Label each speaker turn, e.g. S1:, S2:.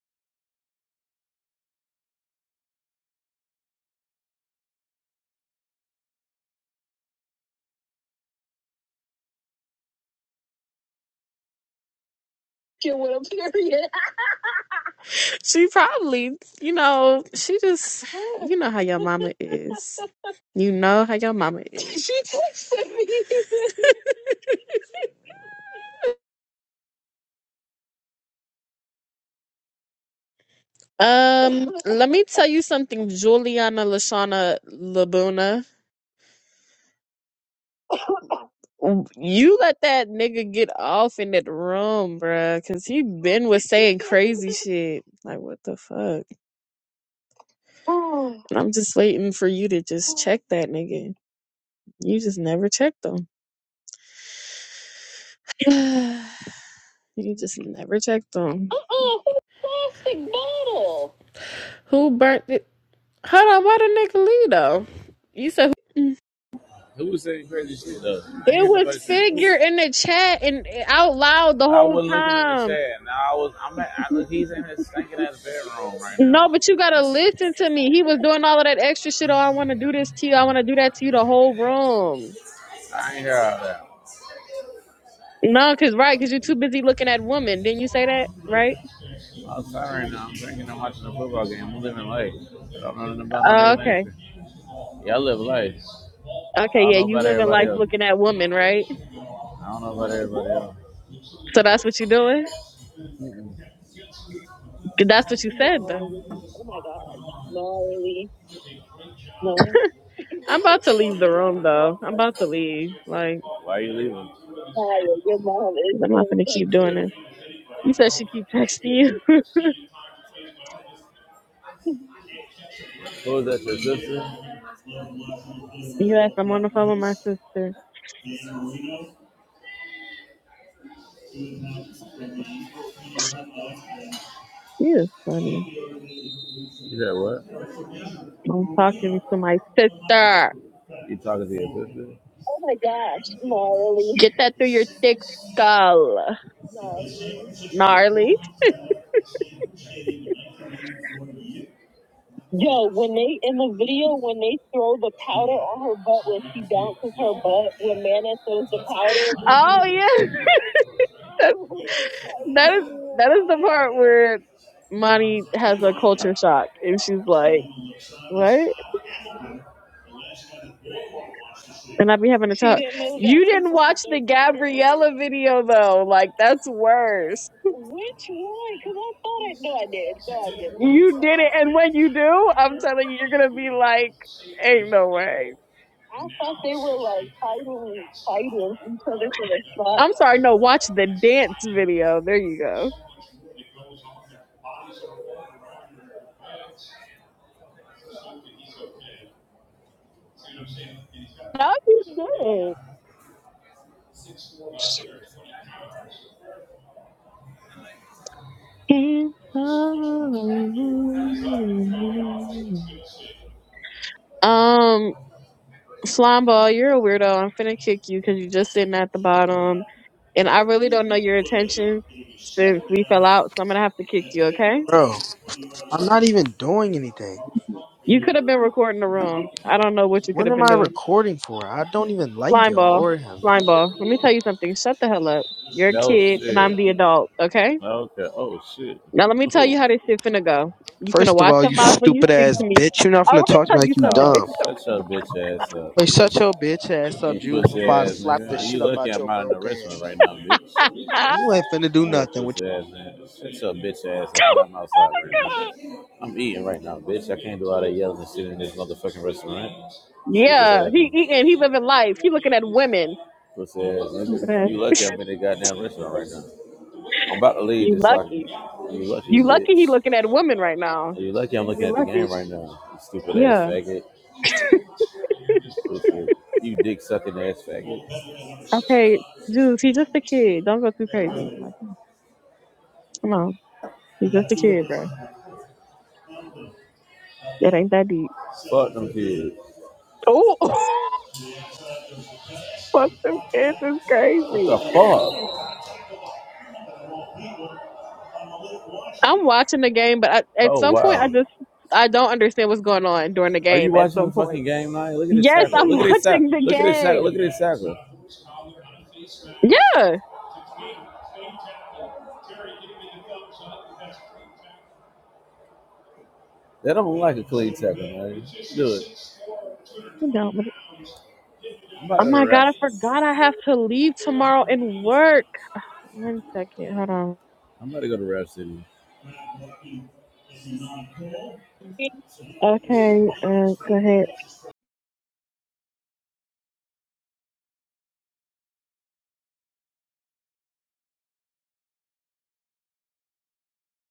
S1: fucking with a period. She probably, you know, she just, you know how your mama is. You know how your mama is. she texted me. Um, let me tell you something, Juliana Lashana Labuna. You let that nigga get off in that room, bruh, cause he been was saying crazy shit. Like, what the fuck? And I'm just waiting for you to just check that nigga. You just never checked them. You just never check them. Uh-uh, who plastic bottle? Who burnt it? Hold on, why the nigga leave though? You said who?
S2: Who was saying crazy shit though? I
S1: It
S2: ain't
S1: was
S2: nobody saying who.
S1: figure in the chat and out loud the
S2: I
S1: whole
S2: wasn't looking at the
S1: time.
S2: chat. Now I was. I'm at. I, look, he's in his stinking ass bedroom right now.
S1: No, but you gotta listen to me. He was doing all of that extra shit. Oh, I want to do this to you. I want to do that to you. The whole room.
S2: I ain't hear all that.
S1: No, cause right, cause you're too busy looking at women. Didn't you say that? Right?
S2: I'm sorry right now. I'm drinking. I'm watching a football game. I'm living life. I don't know nothing about no
S1: Uh,
S2: nigga name.
S1: okay.
S2: Y'all live life. I
S1: Okay.
S2: don't
S1: Yeah,
S2: know
S1: you
S2: about
S1: living
S2: everybody
S1: life
S2: else.
S1: looking at women, right?
S2: I don't know about everybody else.
S1: So that's what you're doing.
S2: Mm-mm.
S1: That's what you said, though. Gnarly. Oh my gosh. Gnarly. No, I'm about to leave the room, though. I'm about to leave. Like,
S2: Why are you leaving?
S1: Naya, your mom is I'm not so gonna keep doing sexy. this. sexy. You said she keep texting you.
S2: Who is that? Your
S1: You asked I'm on the phone with my
S2: sister?
S1: sister. She is funny.
S2: You said what?
S1: I'm talking to my sister.
S2: You talking to your sister?
S1: Oh my gosh. Gnarly. Get that through your thick skull. Gnarly. Gnarly. Yo, when they in the video when they throw the powder on her butt when she bounces her butt when Mana throws the powder, Oh yeah, that, I That's- was like, that is that is the what? part where Monty has a culture shock and she's like, "What?" And I be having a She time. didn't know that You didn't people watch the powdered her. Gabriella video though, like that's worse. Which one? Because I thought I no, I did. No, I did. No, I You did it, and when you do, I'm telling you, you're gonna be like, "Ain't no way." I thought they were like fighting, fighting each other for the spot. I'm sorry, no, watch the dance video. There you go. No, you didn't. Um, Slamball, you're a weirdo. I'm finna kick you because you're just sitting at the bottom. And I really don't know your intention since we fell out, so I'm gonna have to kick you, okay?
S3: Bro, I'm not even doing anything.
S1: You could have been recording the room. I don't know what you could
S3: What
S1: have
S3: am
S1: been
S3: I
S1: doing.
S3: recording for? I don't even like
S1: Slime
S3: y'all
S1: ball,
S3: or him.
S1: slime ball. Let me tell you something. Shut the hell up. You're a
S2: Oh
S1: kid and I'm
S2: shit.
S1: the adult, okay?
S2: Okay. Oh shit.
S1: Now let me tell
S2: Oh.
S1: you how this shit finna go. You finna
S3: First of
S1: watch
S3: all,
S1: your
S3: you
S1: mouth when you
S3: stupid
S1: speak
S3: ass
S1: to me.
S3: bitch. You're not
S1: Oh,
S3: gonna
S1: let me
S3: talk to
S1: tell
S3: me
S1: you
S3: like you
S1: something, bitch.
S2: Uh,
S3: dumb.
S1: You finna
S2: shut
S1: watch your
S2: your
S1: mouth.
S2: bitch ass up,
S3: Hey, shut
S2: nigga.
S3: your bitch ass up,
S2: You
S3: Jews,
S2: pussy
S3: before I
S2: ass
S3: slap the
S2: nigga.
S3: shit
S2: You
S3: up
S2: lucky
S3: out
S2: I'm
S3: your
S2: out in the
S3: broke
S2: restaurant
S3: ass.
S2: right now, bitch.
S1: Ah!
S3: You ain't finna do
S2: You little
S3: nothing. with.
S2: pussy ass nigga. Shut your bitch ass up, nigga. I'm outside right now. I'm eating right now, bitch. I can't do all that yelling and shit in this motherfucking restaurant. Stupid
S1: Yeah,
S2: ass
S1: he
S2: nigga.
S1: eating, he living life. He looking at women.
S2: Pussy ass
S1: Stupid
S2: nigga.
S1: ass.
S2: You lucky I'm in the goddamn restaurant right now. I'm about to leave
S1: You
S2: this so I can.
S1: lucky.
S2: You lucky,
S1: You lucky he
S2: bitch.
S1: looking at women right now.
S2: You lucky I'm looking
S1: You
S2: at the
S1: lucky.
S2: game right now. You stupid ass
S1: Yeah.
S2: faggot. Stupid. You dick sucking ass faggot.
S1: Okay, dude, he's just a kid. Don't go too crazy. Like, come on. He's just a kid, bro. It ain't that deep.
S2: Fuck them kids.
S1: Oh, Fuck them kids is
S2: What the
S1: crazy.
S2: fuck?
S1: I'm watching the game, but I, at
S2: Oh
S1: some point, I
S2: wow.
S1: just I don't understand what's going on during the
S2: Are you
S1: game. At
S2: watching
S1: some
S2: the
S1: point,
S2: fucking game night? Look at his
S1: yes,
S2: tackle.
S1: I'm
S2: Look at his tackle.
S1: watching the
S2: Look at his tackle.
S1: game.
S2: Look at his tackle.
S1: Yeah, i
S2: That don't like a clean tackle, man. Do it.
S1: don't. with
S2: I'm about to
S1: Oh
S2: go to
S1: my
S2: Rap
S1: god, I
S2: City.
S1: forgot I have to leave tomorrow and work. One second, hold on.
S2: I'm about to go to Rap City.
S1: Okay, uh, go ahead.